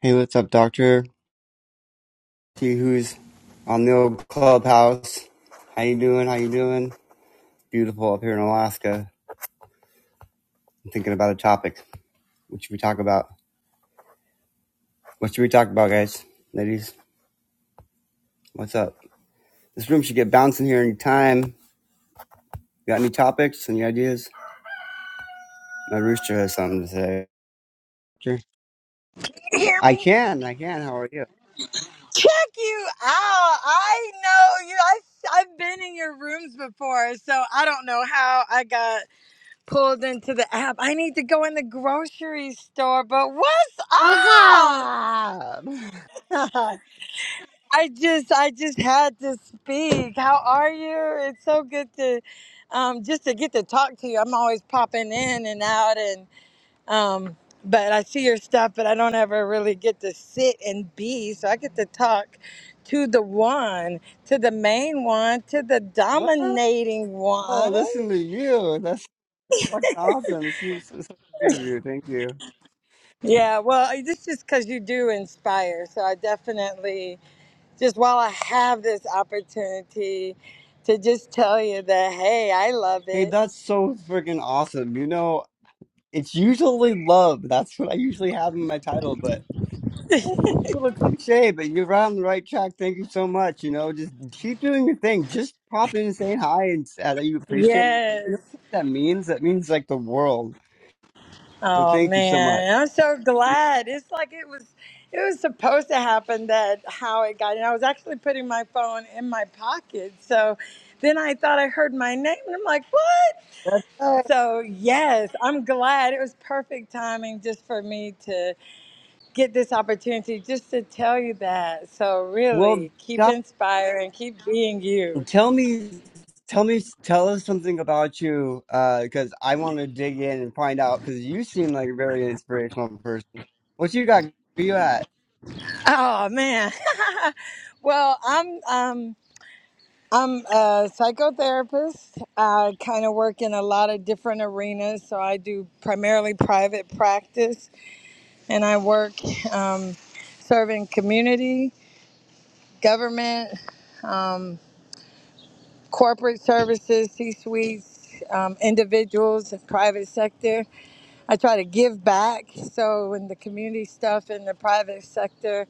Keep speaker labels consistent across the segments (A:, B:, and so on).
A: Hey, what's up, Doctor? See who's on the old clubhouse. How you doing? How you doing? Beautiful up here in Alaska. I'm thinking about a topic. What should we talk about? What should we talk about, guys? Ladies, what's up? This room should get bouncing here any time. Got any topics? Any ideas? My rooster has something to say. Sure.
B: You hear
A: I
B: me?
A: can. I can. How are you?
B: Check you out. I know you. I I've been in your rooms before, so I don't know how I got pulled into the app. I need to go in the grocery store, but what's
A: What's
B: up?
A: up?
B: I just I just had to speak. How are you? It's so good to um just to get to talk to you. I'm always popping in and out and Um, but I see your stuff, but I don't ever really get to sit and be. So I get to talk to the one, to the main one, to the
A: wow!
B: dominating one.
A: Listen to you. That's fucking awesome. It's so so sweet of you. Thank you.
B: Yeah, well, I- this is because you do inspire. So I definitely, just while I have this opportunity to just tell you that, hey, I love
A: Hey,
B: it.
A: that's so freaking awesome. You know, it's usually love. That's what I usually have in my title, but a little cliche, but you're right on the right track. Thank you so much. You know, just keep doing your thing. Just pop in and say hi and s- uh, that you appreciate. You know
B: Yes.
A: what that means? That means like the world. So
B: Oh
A: thank you so much.
B: man, I'm so glad. It's like it was it was supposed to happen that how it got and I was actually putting my phone in my pocket. So then I thought I heard my name and I'm like, "What?"
A: Uh,
B: So, yes, I'm glad. It was perfect timing just for me to get this opportunity just to tell you that. So,
A: well,
B: really, keep
A: Doc,
B: inspiring, keep being you.
A: tell me, tell me, tell us something about you, uh, because I want to dig in and find out. Because you seem like a very inspirational person. What you got? Where you at?
B: Oh man. well, I'm um I'm a psychotherapist. I kind of work in a lot of different arenas. So I do primarily private practice, and I work um, serving community, government, um, corporate services, C suites, um, individuals, private sector. I try to give back. So in the community stuff in the private sector,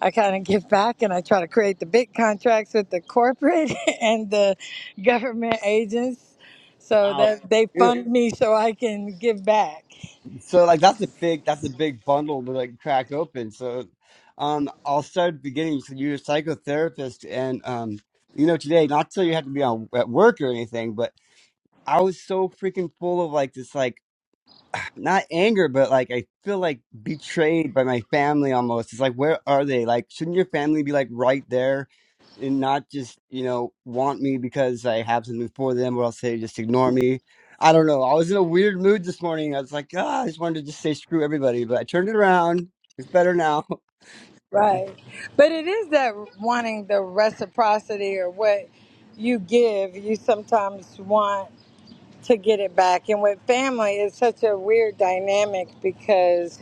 B: I kind of give back and I try to create the big contracts with the corporate and the government agents so
A: Oh,
B: that they
A: dude.
B: fund me so I can give back.
A: So like that's a big that's a big bundle to like crack open. So um I'll start at the beginning. So you're a psychotherapist and um you know today, not so you have to be on at work or anything, but I was so freaking full of like this like not anger, but like I feel like betrayed by my family almost. It's like, where are they? Like, shouldn't your family be like right there and not just, you know, want me because I have something for them or else they just ignore me? I don't know. I was in a weird mood this morning. I was like, ah, I just wanted to just say screw everybody, but I turned it around. It's better now. So
B: Right. But it is that wanting the reciprocity or what you give, you sometimes want to get it back. And with family, it's such a weird dynamic because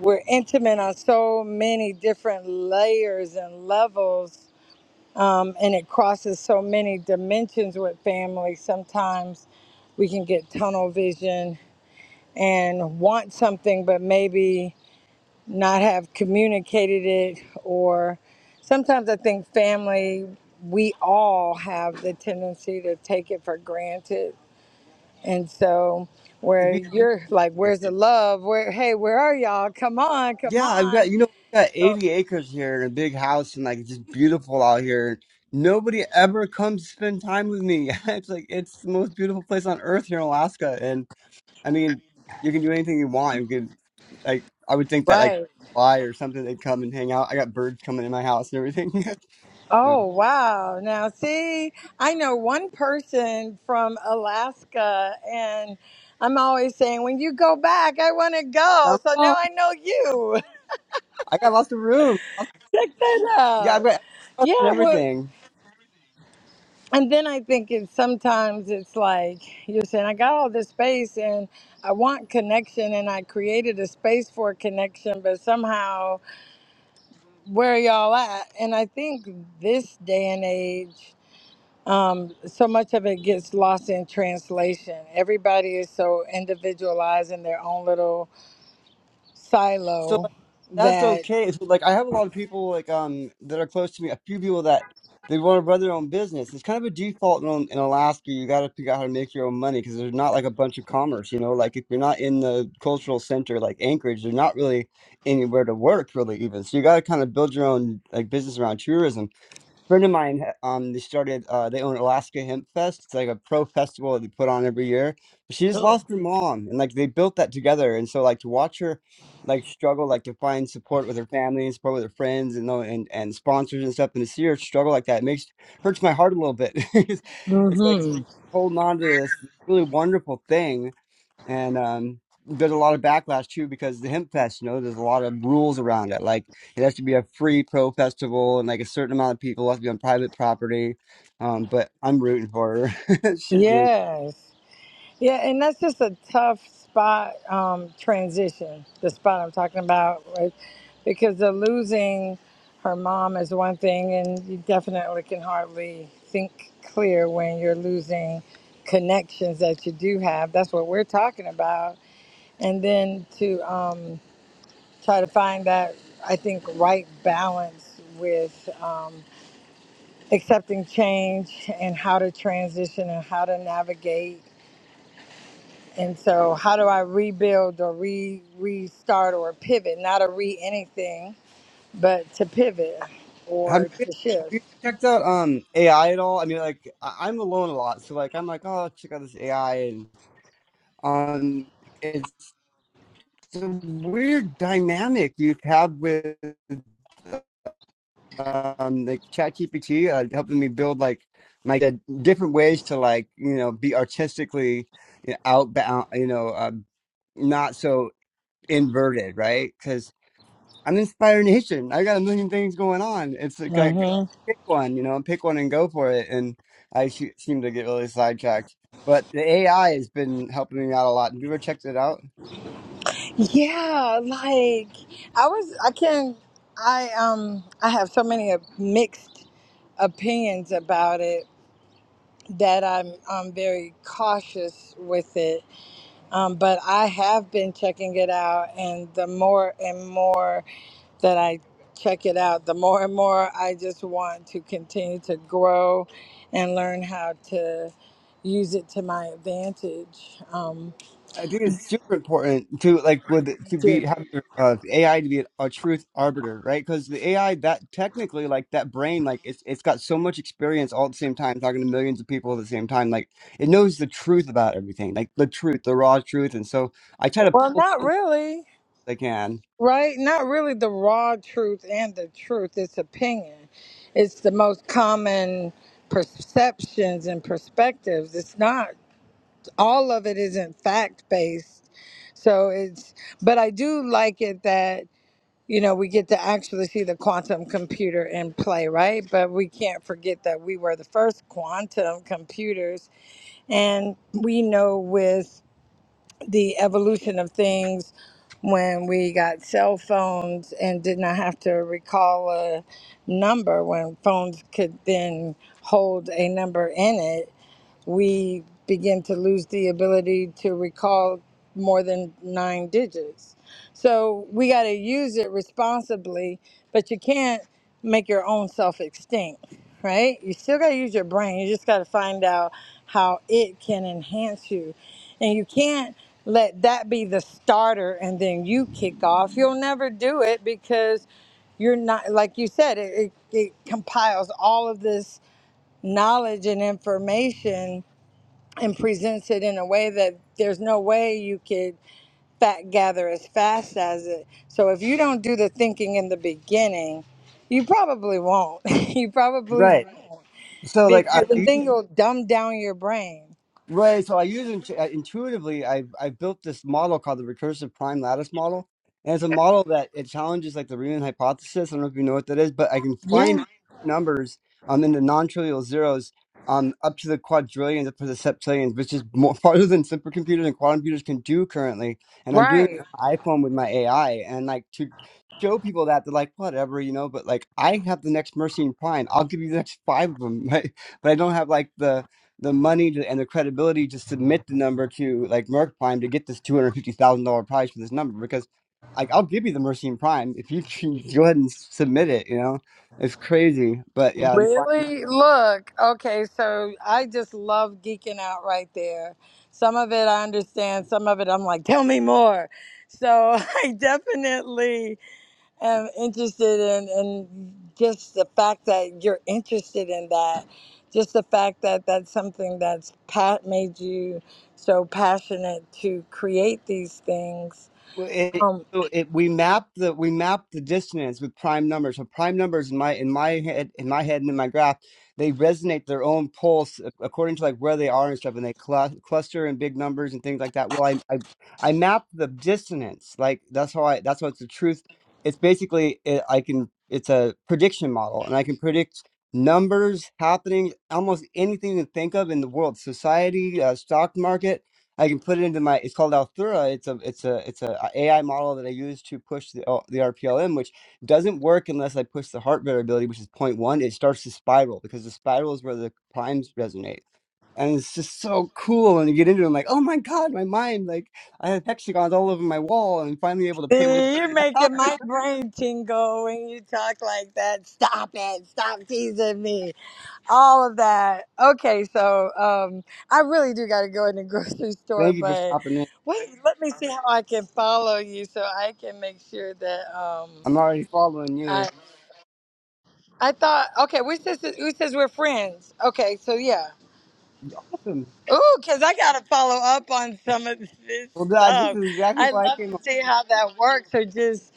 B: we're intimate on so many different layers and levels um, and it crosses so many dimensions with family. Sometimes we can get tunnel vision and want something, but maybe not have communicated it. Or sometimes I think family, we all have the tendency to take it for granted. And so,
A: it'd
B: where
A: be
B: you're like, where's the love? Where, hey, where are y'all? Come on, come
A: Yeah, I've got
B: on.
A: you know I've got 80 acres here and a big house and like just beautiful out here. Nobody ever comes to spend time with me. It's like it's the most beautiful place on earth here in Alaska. And I mean, you can do anything you want. You can like I would think that like
B: Right.
A: fly or something they'd come and hang out. I got birds coming in my house and everything. So
B: Oh, wow. Now, see, I know one person from Alaska, and I'm always saying, when you go back, I want to go.
A: come
B: So now
A: on.
B: I know you.
A: I got lots of room. Lots-
B: Check that
A: Yeah, I've
B: out.
A: got lots and
B: Yeah. Well,
A: everything.
B: and then I think it's sometimes it's like you're saying, I got all this space and I want connection, and I created a space for connection, but somehow, where are y'all at? And I think this day and age, um, so much of it gets lost in translation. Everybody is so individualized in their own little
A: So
B: silo
A: like, that's
B: that.
A: okay. So, like I have a lot of people like um that are close to me. A few people that they want to run their own business. It's kind of a default in, in Alaska. You got to figure out how to make your own money because there's not like a bunch of commerce. You know, like if you're not in the cultural center like Anchorage, there's not really anywhere to work really even. So you got to kind of build your own like business around tourism friend of mine um they started uh they own alaska hemp fest it's like a pro festival that they put on every year but she just
B: Cool.
A: lost her mom and like they built that together and so like to watch her like struggle like to find support with her family and support with her friends and tho- and, and sponsors and stuff and to see her struggle like that it makes hurts my heart a little bit it's it's like
B: hmm
A: holding on to this really wonderful thing and um, there's a lot of backlash too because the hemp fest you know there's a lot of rules around it like it has to be a free pro festival and like a certain amount of people have to be on private property um, but i'm rooting for her she's doing
B: Yes. Yeah, and that's just a tough spot um, transition. The spot I'm talking about, right? because the losing her mom is one thing, and you definitely can hardly think clear when you're losing connections that you do have. That's what we're talking about and then to um, try to find that I think right balance with um, accepting change and how to transition and how to navigate. And so, how do I rebuild or re restart or pivot? Not a re anything, but to pivot
A: have you
B: or
A: been,
B: to
A: have
B: shift.
A: you checked out um ai at all i mean like I- i'm alone a lot so like i'm like oh check out this ai and um it's a weird dynamic you have with um like ChatGPT uh, helping me build like like uh, different ways to like you know be artistically you know, outbound you know uh, not so inverted right because I'm inspired in history. I got a million things going on. It's like I
B: hmm
A: pick one you know and pick one and go for it and I sh- seem to get really sidetracked. But the AI has been helping me out a lot. Have you ever checked it out?
B: Yeah, like I was, I can, I um, I have so many uh, mixed opinions about it that I'm I'm very cautious with it. Um, but I have been checking it out, and the more and more that I check it out, the more and more I just want to continue to grow and learn how to use it to my advantage. Um,
A: I think it's super important to like with to be
B: to-
A: have your uh, AI to be a, truth arbiter, right? Because the AI that technically like that brain like it's it's got so much experience all at the same time, talking to millions of people at the same time. Like it knows the truth about everything, like the truth, the raw truth. And so I try to
B: well,
A: pull
B: not really,
A: that if I can.
B: right? Not really the raw truth and the truth. It's opinion. It's the most common perceptions and perspectives. It's not all of it isn't fact based. So it's, but I do like it that, you know, we get to actually see the quantum computer in play, right? But we can't forget that we were the first quantum computers. And we know with the evolution of things, when we got cell phones and did not have to recall a number, when phones could then hold a number in it, we begin to lose the ability to recall more than nine digits. So we got to use it responsibly, but you can't make your own self extinct, right? You still got to use your brain. You just got to find out how it can enhance you. And you can't let that be the starter and then you kick off. You'll never do it because you're not like you said it, it, it compiles all of this knowledge and information and presents it in a way that there's no way you could fact gather as fast as it. So if you don't do the thinking in the beginning, you probably won't. you probably won't
A: Right. So like I,
B: because and
A: I
B: then you'll dumb down your brain.
A: Right. So I use intu- uh, intuitively. I have I built this model called the recursive prime lattice model, and it's a model that it challenges like the Riemann hypothesis. I don't know if you know what that is, but I can find
B: Yeah.
A: numbers um in the non-trivial zeros um up to the quadrillions up to the septillions, which is more farther than supercomputers and quantum computers can do currently. And I'm doing it
B: Right.
A: on my iPhone with my AI, and like to show people that they're like whatever you know, but like I have the next Mercian prime. I'll give you the next five of them, right? But I don't have like the the money to, and the credibility to submit the number to like Merck Prime to get this two hundred fifty thousand dollar prize for this number because like I'll give you the Mercian Prime if you can go ahead and submit it. You know, it's crazy, but yeah,
B: Really? Look, okay, so I just love geeking out right there. Some of it I understand, some of it I'm like, tell me more. So I definitely am interested in, and just the fact that you're interested in that, just the fact that that's something that's pat made you so passionate to create these things.
A: Well, it,
B: Um,
A: so it we map the we map the dissonance with prime numbers. So prime numbers in my in my head in my head and in my graph, they resonate their own pulse ac- according to like where they are and stuff, and they clu- cluster in big numbers and things like that. Well, I I, I map the dissonance. Like that's how I that's what's the truth. It's basically it, I can it's a prediction model, and I can predict numbers happening almost anything you can think of in the world society uh, stock market I can put it into my. It's called Althura. It's a it's a it's a AI model that I use to push the uh, the RPLM, which doesn't work unless I push the heart variability, which is zero point 0.1. It starts to spiral because the spiral is where the primes resonate, and it's just so cool. And you get into it, I'm like, oh my god, my mind! Like I have hexagons all over my wall, and I'm finally able to put it. in
B: see, you're making my brain tingle when you talk like that. Stop it! Stop teasing me. All of that. Okay, so um, I really do got to go in the grocery store,
A: Thank you for
B: but
A: stopping in.
B: wait, let me see how I can follow you so I can make sure that. Um,
A: I'm already following you.
B: I I thought okay, we says who says we're friends? Okay, so yeah.
A: Awesome.
B: Ooh, cause I gotta follow up on some of this
A: Well, God, this
B: stuff.
A: is exactly
B: I
A: why I
B: love
A: came.
B: to see how that works. Or just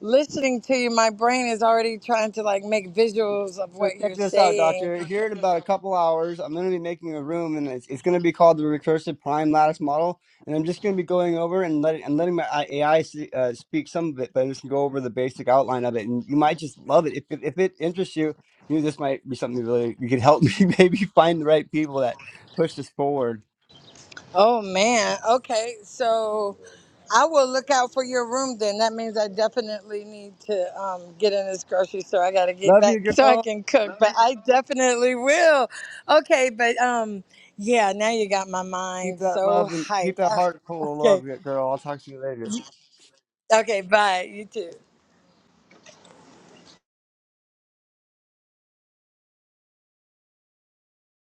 B: listening to you, my brain is already trying to like make visuals of
A: So
B: what
A: check
B: you're
A: this out,
B: saying.
A: Doctor. Here in about a couple hours, I'm going to be making a room, and it's, it's going to be called the recursive prime lattice model. And I'm just going to be going over and letting and letting my I- AI see- uh, speak some of it, but I'm just going to go over the basic outline of it. And you might just love it if it- if it interests you. You know, this might be something really you could help me maybe find the right people that push this forward.
B: Oh man. Okay, so I will look out for your room then. That means I definitely need to um, get in this grocery store. I got to get
A: Love
B: back
A: you,
B: so I
A: girl.
B: can cook, but I definitely will. Okay, but um, yeah, now you got my
A: Keep
B: mind
A: that
B: so
A: love and
B: hyped.
A: keep that
B: Ah,
A: heart full of
B: okay,
A: love, girl. I'll talk to you later.
B: okay, bye. You too.